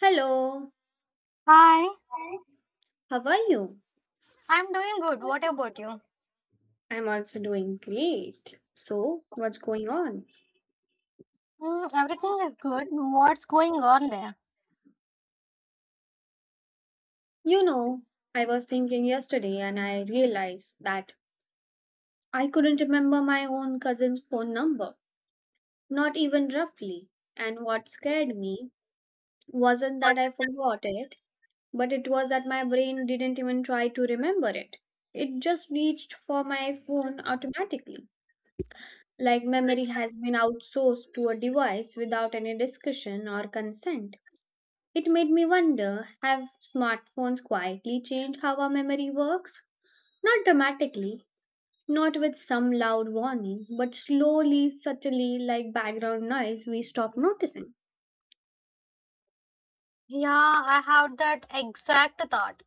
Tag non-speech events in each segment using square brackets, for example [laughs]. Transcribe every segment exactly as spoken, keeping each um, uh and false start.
Hello, Hi, how are you? I'm doing good. What about you? I'm also doing great. So, what's going on? Mm, everything is good. What's going on there? You know, I was thinking yesterday and I realized that I couldn't remember my own cousin's phone number, not even roughly. And what scared me wasn't that I forgot it, but it was that my brain didn't even try to remember it. It just reached for my phone automatically. Like memory has been outsourced to a device without any discussion or consent. It made me wonder, have smartphones quietly changed how our memory works? Not dramatically, not with some loud warning, but slowly, subtly, like background noise, we stop noticing. Yeah, I have that exact thought.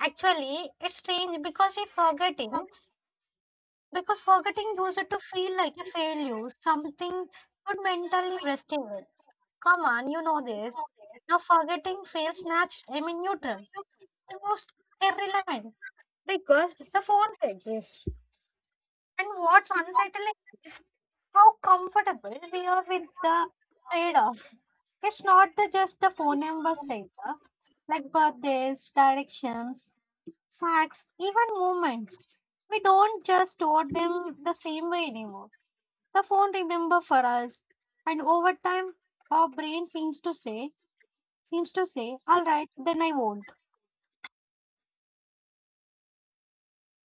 Actually, it's strange because we forgetting, because forgetting used to feel like a failure, something not mentally resting with. Come on, you know this. Now forgetting feels natural, I mean neutral, almost irrelevant because the force exists. And what's unsettling is how comfortable we are with the trade-off. It's not the just the phone numbers either, like birthdays, directions, facts, even moments. We don't just store them the same way anymore. The phone remember for us, and over time, our brain seems to say, seems to say, all right, then I won't.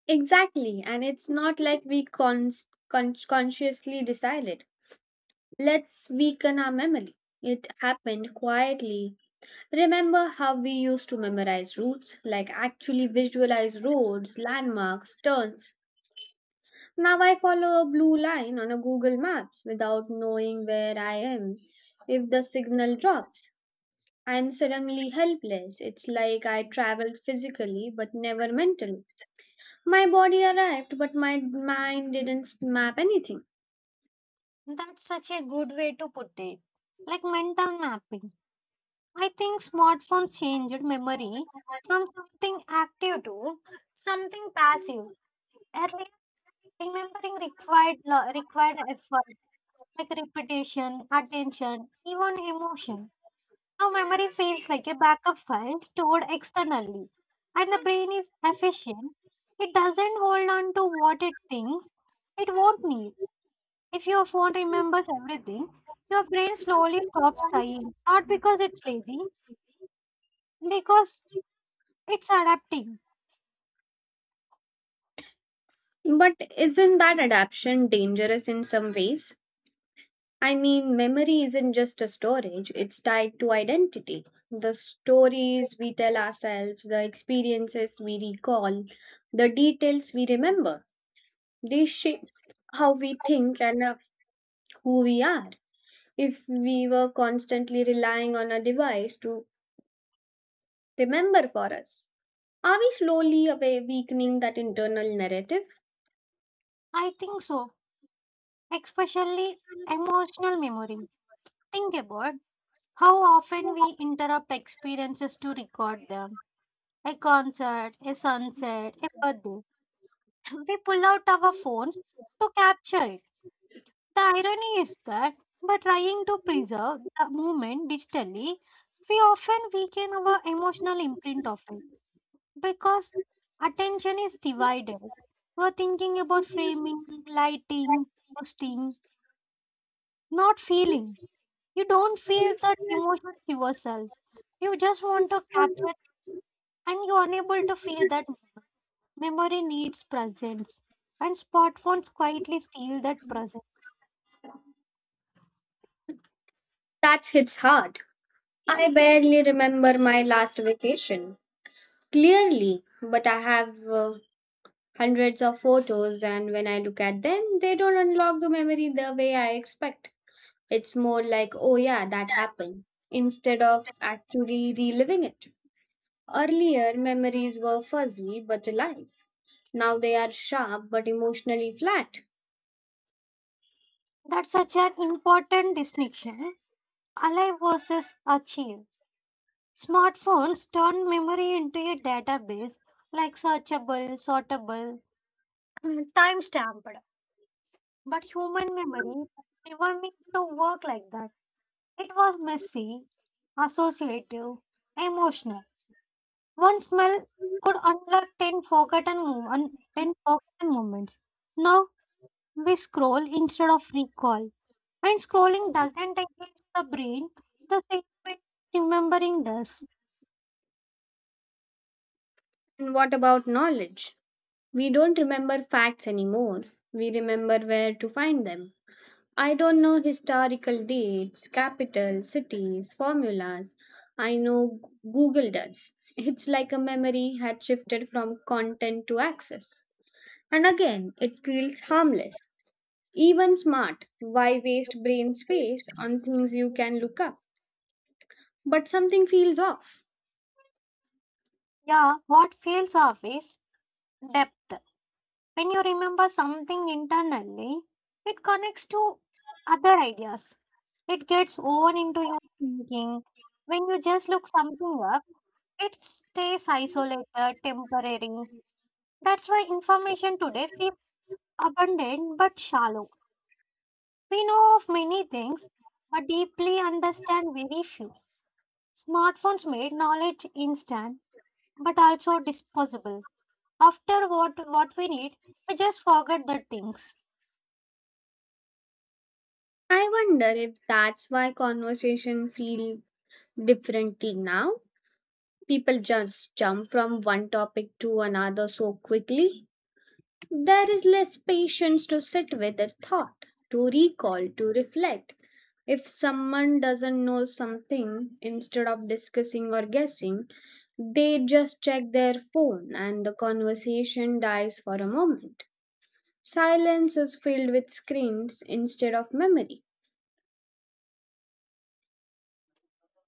Exactly, and it's not like we cons- con- consciously decided. Let's weaken our memory. It happened quietly. Remember how we used to memorize routes, like actually visualize roads, landmarks, turns. Now I follow a blue line on a Google Maps without knowing where I am. If the signal drops, I'm suddenly helpless. It's like I traveled physically but never mentally. My body arrived but my mind didn't map anything. That's such a good way to put it, like mental mapping. I think smartphones changed memory from something active to something passive. Earlier, remembering required lo- required effort like repetition, attention, even emotion. Now memory feels like a backup file stored externally, and the brain is efficient. It doesn't hold on to what it thinks it won't need. If your phone remembers everything, your brain slowly stops trying. Not because it's lazy, because it's adapting. But isn't that adaptation dangerous in some ways? I mean, memory isn't just a storage, it's tied to identity. The stories we tell ourselves, the experiences we recall, the details we remember. They shape how we think and uh, who we are. If we were constantly relying on a device to remember for us, are we slowly away weakening that internal narrative? I think so, especially emotional memory. Think about how often we interrupt experiences to record them. A concert, a sunset, a birthday. [laughs] We pull out our phones to capture it. The irony is that by trying to preserve the moment digitally, we often weaken our emotional imprint of it because attention is divided. We're thinking about framing, lighting, posting, not feeling. You don't feel that emotion yourself. You just want to capture and you're unable to feel that moment. Memory needs presence, and smartphones quietly steal that presence. That hits hard. I barely remember my last vacation clearly, but I have uh, hundreds of photos, and when I look at them, they don't unlock the memory the way I expect. It's more like, oh yeah, that happened, instead of actually reliving it. Earlier, memories were fuzzy but alive. Now they are sharp but emotionally flat. That's such an important distinction. Alive versus achieve. Smartphones turn memory into a database like searchable, sortable, mm, time stamped. But human memory never meant to work like that. It was messy, associative, emotional. One smell could unlock ten forgotten, mo- un- 10 forgotten moments. Now we scroll instead of recall. And scrolling doesn't engage the brain the same way remembering does. And what about knowledge? We don't remember facts anymore. We remember where to find them. I don't know historical dates, capitals, cities, formulas. I know G- Google does. It's like a memory had shifted from content to access. And again, it feels harmless. Even smart. Why waste brain space on things you can look up? But something feels off. Yeah, what feels off is depth. When you remember something internally, it connects to other ideas. It gets woven into your thinking. When you just look something up, it stays isolated, temporary. That's why information today feels abundant but shallow. We know of many things but deeply understand very few. Smartphones made knowledge instant but also disposable. After what what we need, we just forget the things. I wonder if that's why conversation feel differently now. People just jump from one topic to another so quickly. There is less patience to sit with a thought, to recall, to reflect. If someone doesn't know something, instead of discussing or guessing, they just check their phone and the conversation dies for a moment. Silence is filled with screens instead of memory.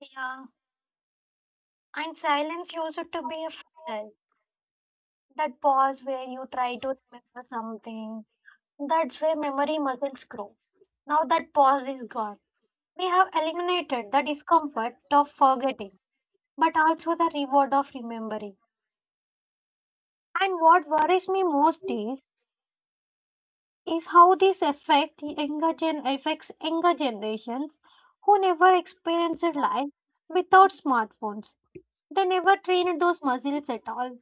Yeah, and silence used to be a fragile. That pause where you try to remember something. That's where memory muscles grow. Now that pause is gone. We have eliminated the discomfort of forgetting, but also the reward of remembering. And what worries me most is is how this affect younger gen affects younger generations who never experienced life without smartphones. They never trained those muscles at all.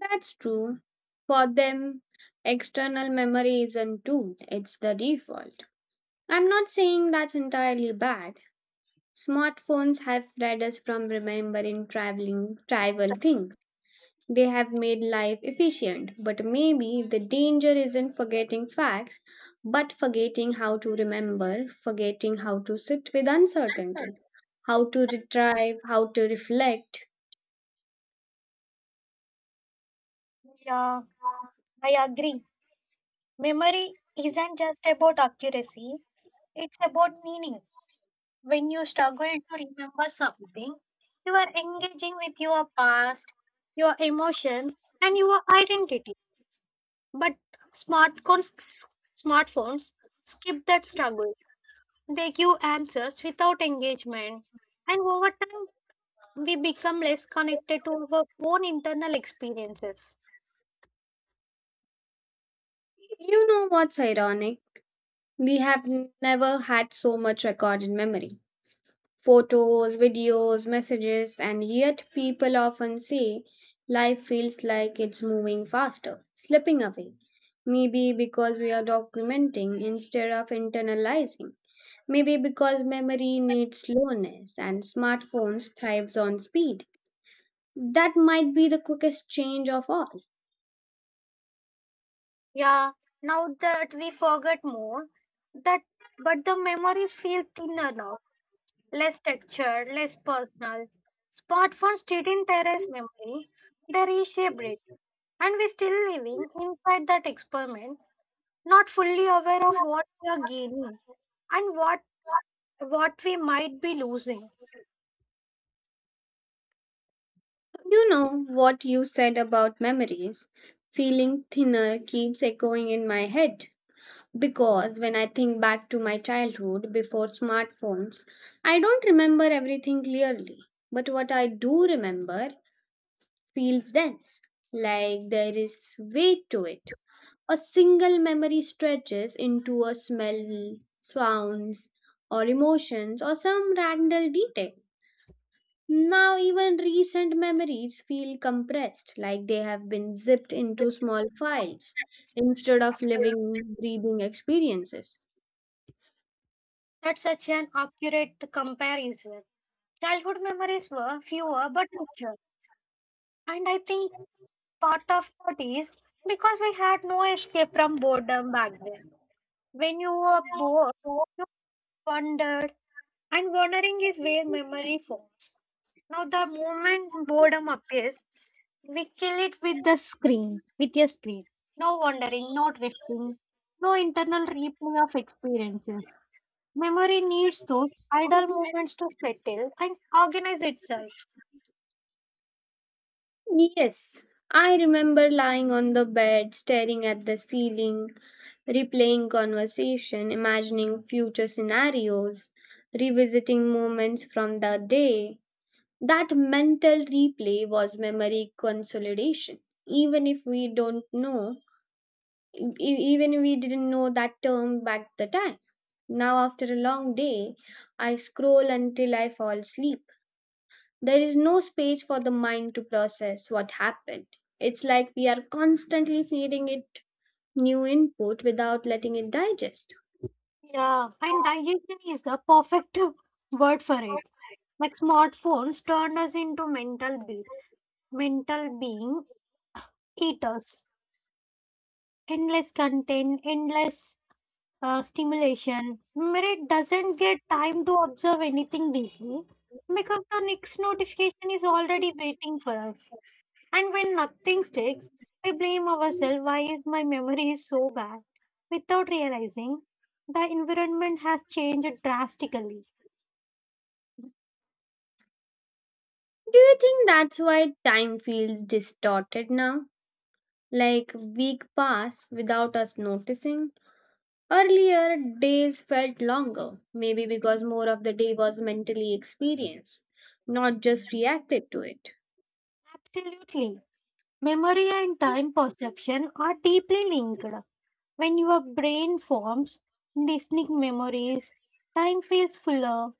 That's true. For them, external memory is a tool, it's the default. I'm not saying that's entirely bad. Smartphones have freed us from remembering traveling trivial things. They have made life efficient, but maybe the danger isn't forgetting facts, but forgetting how to remember, forgetting how to sit with uncertainty, how to retrieve, how to reflect. Yeah, I agree. Memory isn't just about accuracy, it's about meaning. When you struggle to remember something, you are engaging with your past, your emotions, and your identity. But smartphones, smartphones skip that struggle. They give answers without engagement. And over time, we become less connected to our own internal experiences. You know what's ironic? We have n- never had so much recorded memory. Photos, videos, messages, and yet people often say life feels like it's moving faster, slipping away. Maybe because we are documenting instead of internalizing. Maybe because memory needs slowness and smartphones thrives on speed. That might be the quickest change of all. Yeah, now that we forget more, that but the memories feel thinner now, less textured, less personal. Smartphones didn't erase memory, they reshaped it. And we're still living inside that experiment, not fully aware of what we are gaining, and what what we might be losing. You know what you said about memories. Feeling thinner keeps echoing in my head. Because when I think back to my childhood before smartphones, I don't remember everything clearly. But what I do remember feels dense, like there is weight to it. A single memory stretches into a smell, sounds, or emotions, or some random detail. Now, even recent memories feel compressed, like they have been zipped into small files instead of living, breathing experiences. That's such an accurate comparison. Childhood memories were fewer but richer. And I think part of that is because we had no escape from boredom back then. When you were bored, you wondered, and wondering is where memory forms. Now, the moment boredom appears, we kill it with the screen, with your screen. No wondering, no drifting, no internal replay of experiences. Memory needs those idle moments to settle and organize itself. Yes, I remember lying on the bed, staring at the ceiling, replaying conversation, imagining future scenarios, revisiting moments from the day. That mental replay was memory consolidation. Even if we don't know, e- e-, even if we didn't know that term back the time. Now, after a long day, I scroll until I fall asleep. There is no space for the mind to process what happened. It's like we are constantly feeding it new input without letting it digest. Yeah, and digestion is the perfect [laughs] word for it. Like smartphones turned us into mental be- mental being eaters. Endless content, endless uh, stimulation. Memory doesn't get time to observe anything deeply because the next notification is already waiting for us. And when nothing sticks, we blame ourselves why is my memory is so bad without realizing the environment has changed drastically. Do you think that's why time feels distorted now? Like week pass without us noticing? Earlier, days felt longer, maybe because more of the day was mentally experienced, not just reacted to it. Absolutely. Memory and time perception are deeply linked. When your brain forms listening memories, time feels fuller.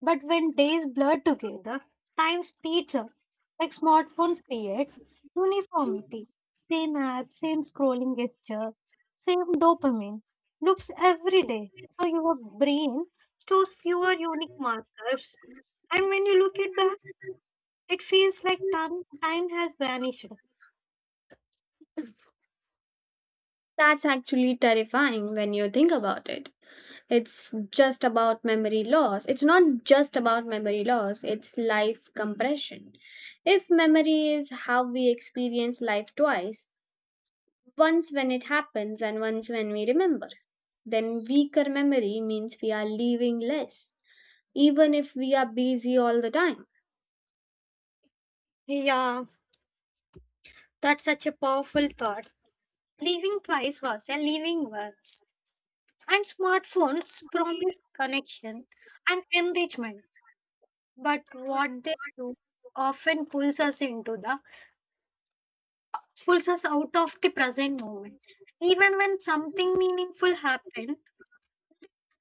But when days blur together, time speeds up. Like smartphones creates uniformity. Same app, same scrolling gesture, same dopamine loops every day. So your brain stores fewer unique markers. And when you look it back, it feels like time, time has vanished. That's actually terrifying when you think about it. It's just about memory loss it's not just about memory loss, it's life compression. If memory is how we experience life twice, once when it happens and once when we remember, then weaker memory means we are leaving less, even if we are busy all the time. Yeah, that's such a powerful thought. Living twice was a living once. And smartphones promise connection and enrichment, but what they do often pulls us into the pulls us out of the present moment, even when something meaningful happens.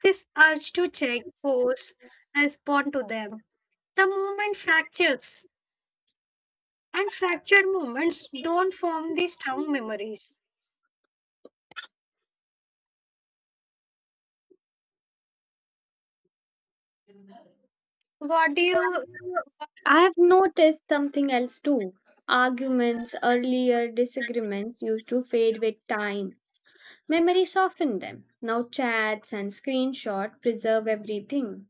This urge to check pose, respond to them, the moment fractures, and fractured moments don't form the strong memories. What do you I have noticed something else too. Arguments earlier, disagreements used to fade with time. Memory softened them. Now chats and screenshot preserve everything.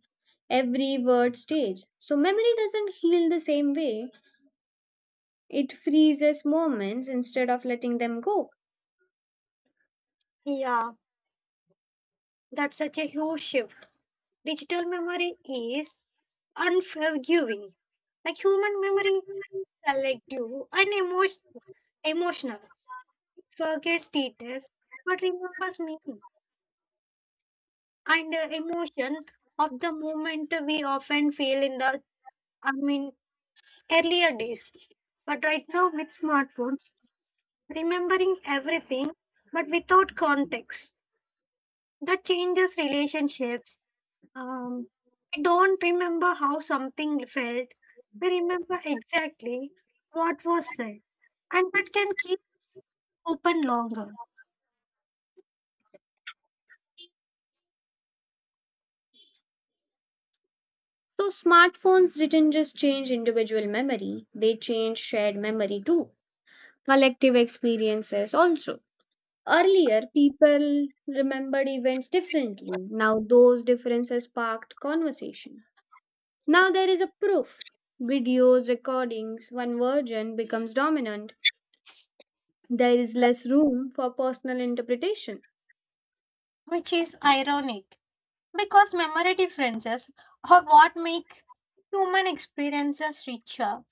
Every word stays. So memory doesn't heal the same way. It freezes moments instead of letting them go. Yeah, that's such a huge shift. Digital memory is unforgiving, like human memory, selective and emo- emotional, forgets details but remembers meaning and uh, emotion of the moment we often feel in the, I mean, earlier days. But right now with smartphones, remembering everything but without context. That changes relationships. Um, we don't remember how something felt. We remember exactly what was said. And that can keep open longer, So smartphones didn't just change individual memory, they changed shared memory too. Collective experiences also. Earlier, people remembered events differently. Now, those differences sparked conversation. Now there is a proof. Videos, recordings, one version becomes dominant. There is less room for personal interpretation. which is ironic, because memorative differences are what make human experiences richer.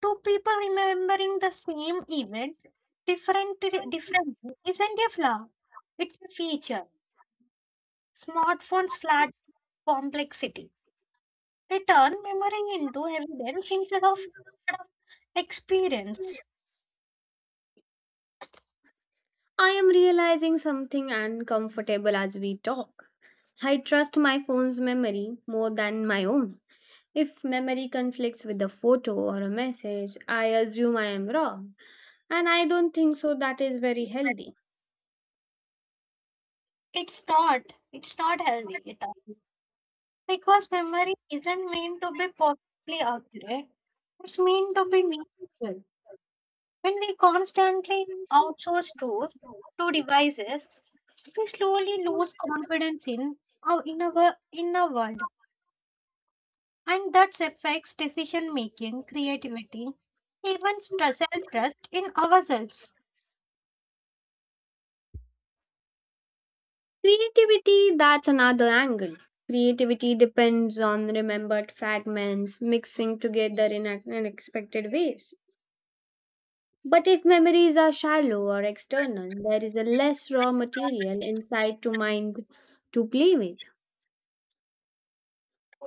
Two people remembering the same event different, differently isn't a flaw, it's a feature. Smartphones flat complexity. They turn memory into evidence instead of instead of experience. I am realizing something uncomfortable as we talk. I trust my phone's memory more than my own. If memory conflicts with a photo or a message, I assume I am wrong. And I don't think so, that is very healthy. It's not. It's not healthy at all. Because memory isn't meant to be perfectly accurate. It's meant to be meaningful. When we constantly outsource truth to devices, we slowly lose confidence in our inner, inner world, and that affects decision making, creativity, even self trust in ourselves. Creativity, that's another angle. Creativity depends on remembered fragments mixing together in un- unexpected ways. But if memories are shallow or external, there is a less raw material inside to mind to play with.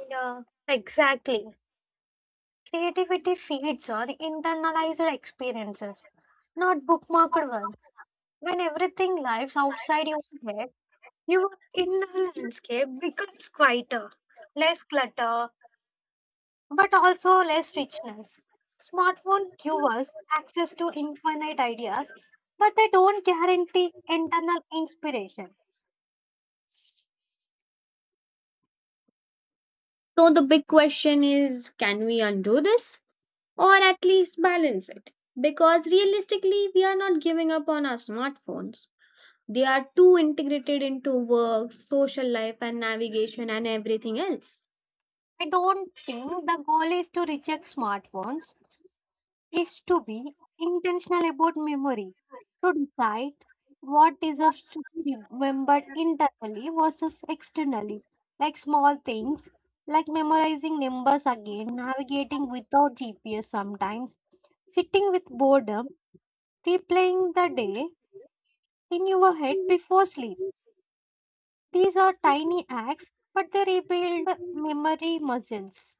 Yeah, exactly. Creativity feeds on internalized experiences, not bookmarked ones. When everything lives outside your head, your inner landscape becomes quieter, less clutter, but also less richness. Smartphone give us access to infinite ideas, but they don't guarantee internal inspiration. So the big question is, can we undo this or at least balance it? Because realistically, we are not giving up on our smartphones. They are too integrated into work, social life, and navigation and everything else. I don't think the goal is to reject smartphones, it's to be intentional about memory, to decide what deserves to be remembered internally versus externally, like small things. Like memorizing numbers again, navigating without G P S sometimes, sitting with boredom, replaying the day in your head before sleep. These are tiny acts, but they rebuild memory muscles.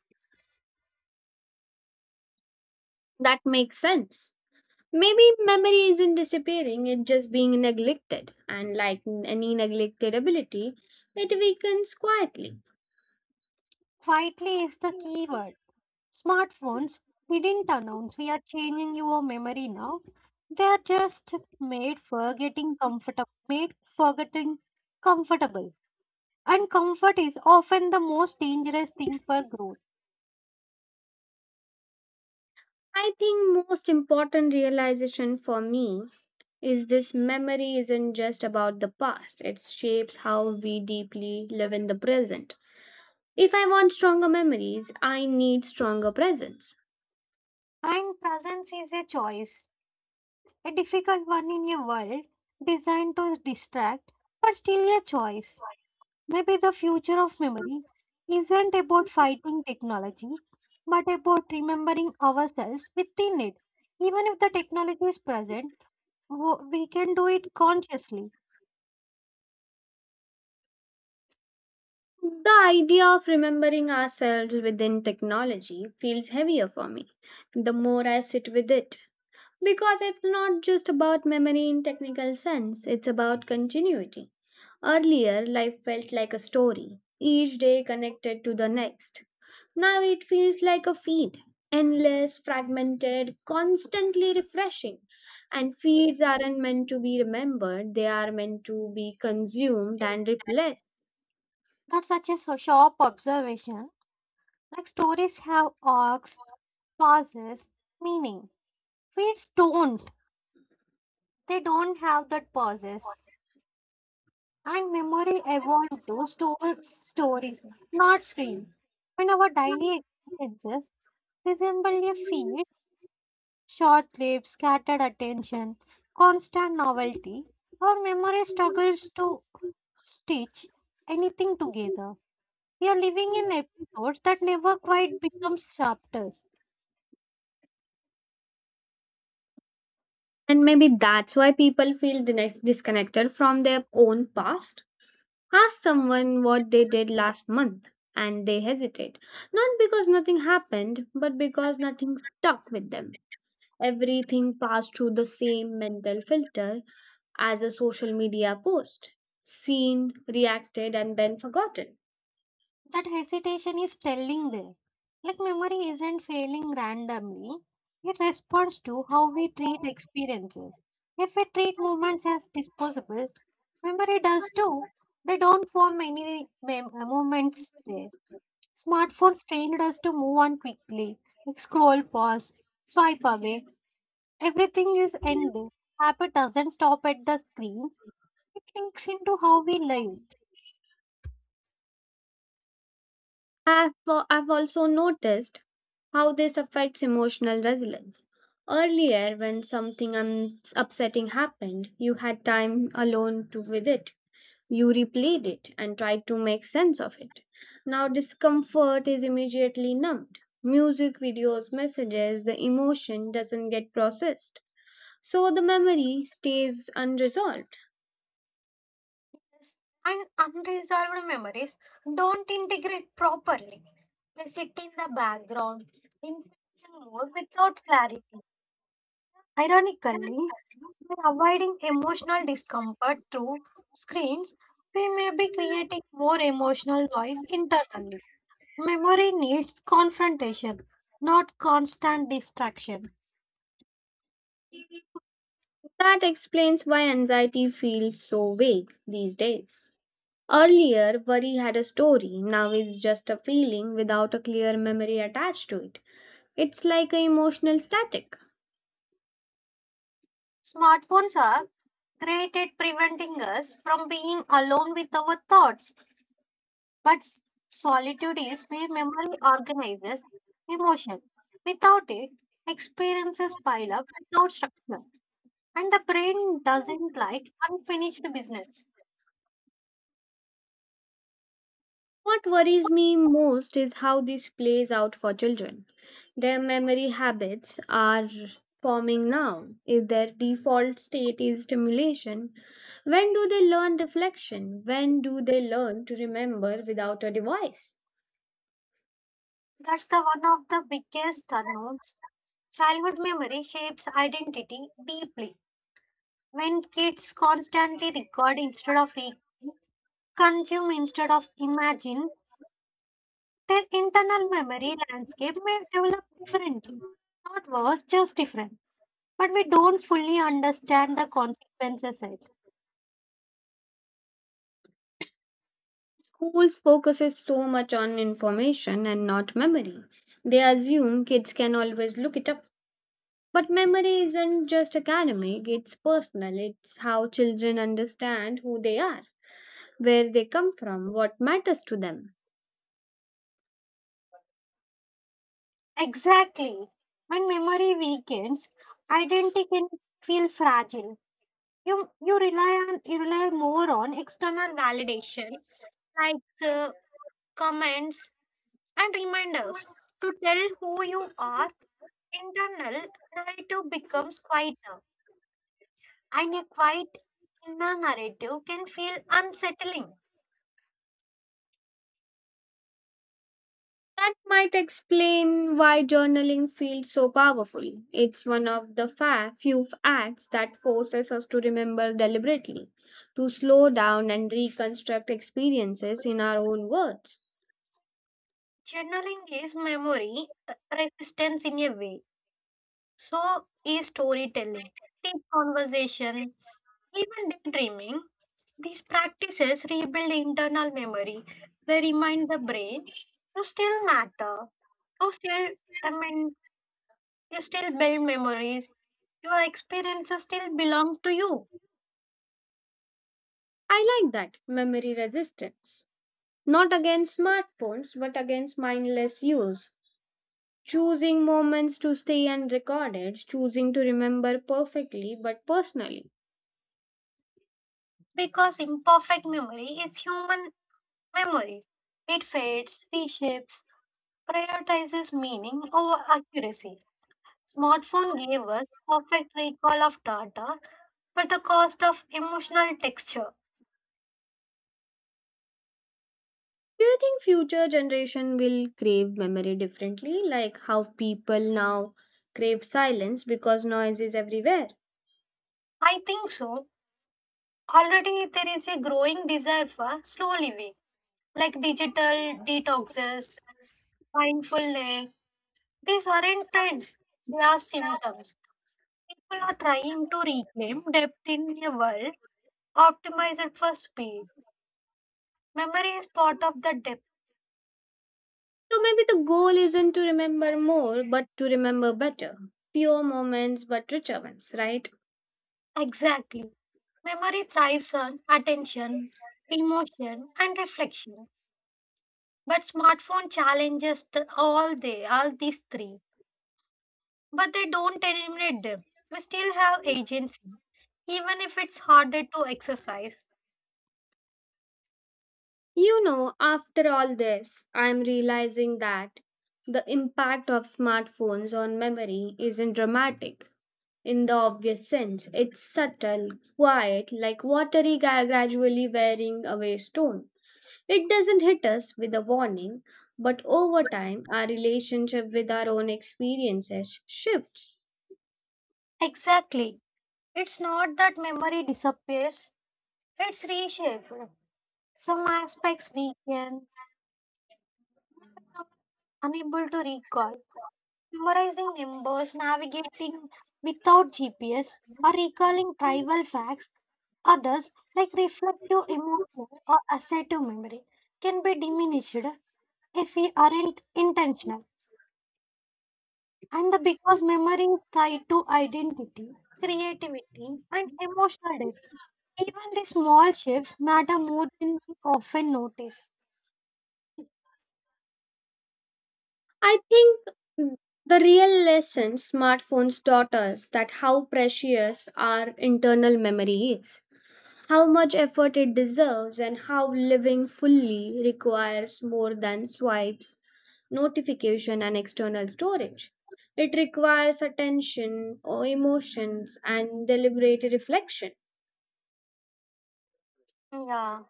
That makes sense. Maybe memory isn't disappearing, it's just being neglected. And like n- any neglected ability, it weakens quietly. Quietly is the key word. Smartphones didn't announce we are changing your memory now. They are just made for getting comfortable, made for getting comfortable. And comfort is often the most dangerous thing for growth. I think most important realization for me is this, memory isn't just about the past, it shapes how we deeply live in the present. If I want stronger memories, I need stronger presence. And presence is a choice, a difficult one in a world designed to distract, but still a choice. Maybe the future of memory isn't about fighting technology, but about remembering ourselves within it. Even if the technology is present, wo- we can do it consciously. The idea of remembering ourselves within technology feels heavier for me the more I sit with it, because it's not just about memory in technical sense, it's about continuity. Earlier, life felt like a story, each day connected to the next. Now it feels like a feed, endless, fragmented, constantly refreshing. And feeds aren't meant to be remembered, they are meant to be consumed and replaced. That's such a so- sharp observation. Like stories have arcs, pauses, meaning. Feeds don't. They don't have that pauses. And memory evolved to store stories, not screen. In our daily experiences, resemble a feed, short clips, scattered attention, constant novelty, our memory struggles to stitch anything together. We are living in episodes that never quite become chapters. And maybe that's why people feel dis- disconnected from their own past. Ask someone what they did last month and they hesitate, not because nothing happened, but because nothing stuck with them. Everything passed through the same mental filter as a social media post, seen, reacted, and then forgotten. That hesitation is telling there. Like memory isn't failing randomly, it responds to how we treat experiences. If we treat moments as disposable, memory does too. They don't form any mem- uh, moments there. Smartphones trained us to move on quickly, like scroll pause, swipe away. Everything is ending. Habit doesn't stop at the screens. It links into how we live. I've, al- I've also noticed how this affects emotional resilience. Earlier, when something un- upsetting happened, you had time alone to with it. You replayed it and tried to make sense of it. Now, discomfort is immediately numbed. Music, videos, messages, the emotion doesn't get processed. So the memory stays unresolved. Yes, and unresolved memories don't integrate properly. They sit in the background, influencing mood without clarity. Ironically, by avoiding emotional discomfort through screens, we may be creating more emotional noise internally. Memory needs confrontation, not constant distraction. That explains why anxiety feels so vague these days. Earlier, worry had a story, now it's just a feeling without a clear memory attached to it. It's like an emotional static. Smartphones are great at preventing us from being alone with our thoughts. But s- solitude is where memory organizes emotion. Without it, experiences pile up without structure. And the brain doesn't like unfinished business. What worries me most is how this plays out for children. Their memory habits are forming now. If their default state is stimulation, when do they learn reflection? When do they learn to remember without a device? That's the one of the biggest unknowns. Childhood memory shapes identity deeply. When kids constantly record instead of re- consume instead of imagine, their internal memory landscape may develop differently. Not worse, just different, but we don't fully understand the consequences yet. Schools focuses so much on information and not memory. They assume kids can always look it up. But memory isn't just academic, it's personal. It's how children understand who they are, where they come from, what matters to them. Exactly. When memory weakens, identity can feel fragile. You you rely on you rely more on external validation, like uh, comments, and reminders to tell who you are. Internal narrative becomes quieter, and a quiet inner narrative can feel unsettling. That might explain why journaling feels so powerful. It's one of the fa- few acts that forces us to remember deliberately, to slow down and reconstruct experiences in our own words. Journaling is memory uh, resistance in a way. So is storytelling, deep conversation, even daydreaming. These practices rebuild internal memory. They remind the brain you still matter. You still, I mean, you still build memories. Your experiences still belong to you I like that memory resistance. Not against smartphones, but against mindless use. Choosing moments to stay unrecorded, choosing to remember perfectly but personally. because imperfect memory is human memory. It fades, reshapes, prioritizes meaning over accuracy. Smartphone gave us perfect recall of data, but the cost of emotional texture. Do you think future generation will crave memory differently, like how people now crave silence because noise is everywhere? I think so. Already there is a growing desire for slow living, like digital detoxes, mindfulness. These aren't trends, they are symptoms. People are trying to reclaim depth in a world optimized for speed. Memory is part of the depth. So maybe the goal isn't to remember more, but to remember better. Fewer moments, but richer ones, right? Exactly. Memory thrives on attention, emotion, and reflection. But smartphone challenges the, all they all these three, but they don't eliminate them. We still have agency, even if it's harder to exercise. You know, after all this, I'm realizing that the impact of smartphones on memory isn't dramatic in the obvious sense. It's subtle, quiet, like watery gra- gradually wearing away stone. It doesn't hit us with a warning, but over time, our relationship with our own experiences shifts. Exactly. It's not that memory disappears; it's reshaped. Some aspects weaken, some unable to recall. Memorizing numbers, navigating without G P S, or recalling tribal facts. Others, like reflective emotional or assertive memory, can be diminished if we aren't intentional. And the because memory is tied to identity, creativity, and emotional depth. Even the small shifts matter more than we often notice. I think the real lesson smartphones taught us that how precious our internal memory is, how much effort it deserves and how living fully requires more than swipes, notification, and external storage. It requires attention or emotions and deliberate reflection. Yeah.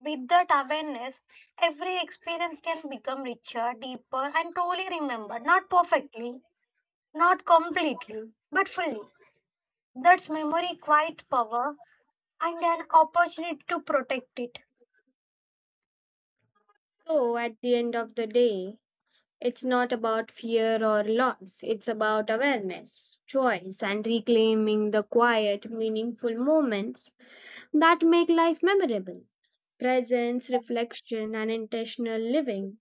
With that awareness, every experience can become richer, deeper, and truly remembered. Not perfectly, not completely, but fully. That's memory quite power and an opportunity to protect it. So, at the end of the day, it's not about fear or loss, it's about awareness, choice, and reclaiming the quiet, meaningful moments that make life memorable. Presence, reflection, and intentional living,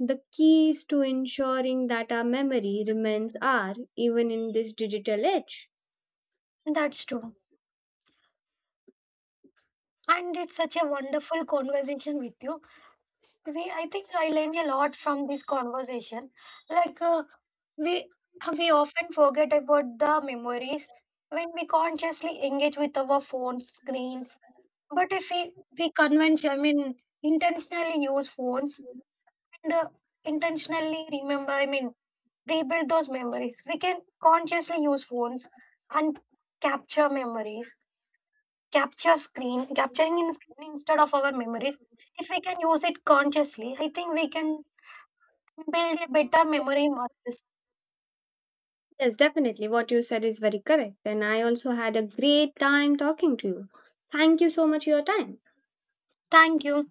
the keys to ensuring that our memory remains are even in this digital age. That's true. And it's such a wonderful conversation with you. We, I think I learned a lot from this conversation. Like uh, we, we often forget about the memories when we consciously engage with our phones screens. But if we, we convention, I mean, intentionally use phones and uh, intentionally remember, I mean, rebuild those memories. We can consciously use phones and capture memories, capture screen, capturing in screen instead of our memories. If we can use it consciously, I think we can build a better memory models. Yes, definitely. What you said is very correct. And I also had a great time talking to you. Thank you so much for your time. Thank you.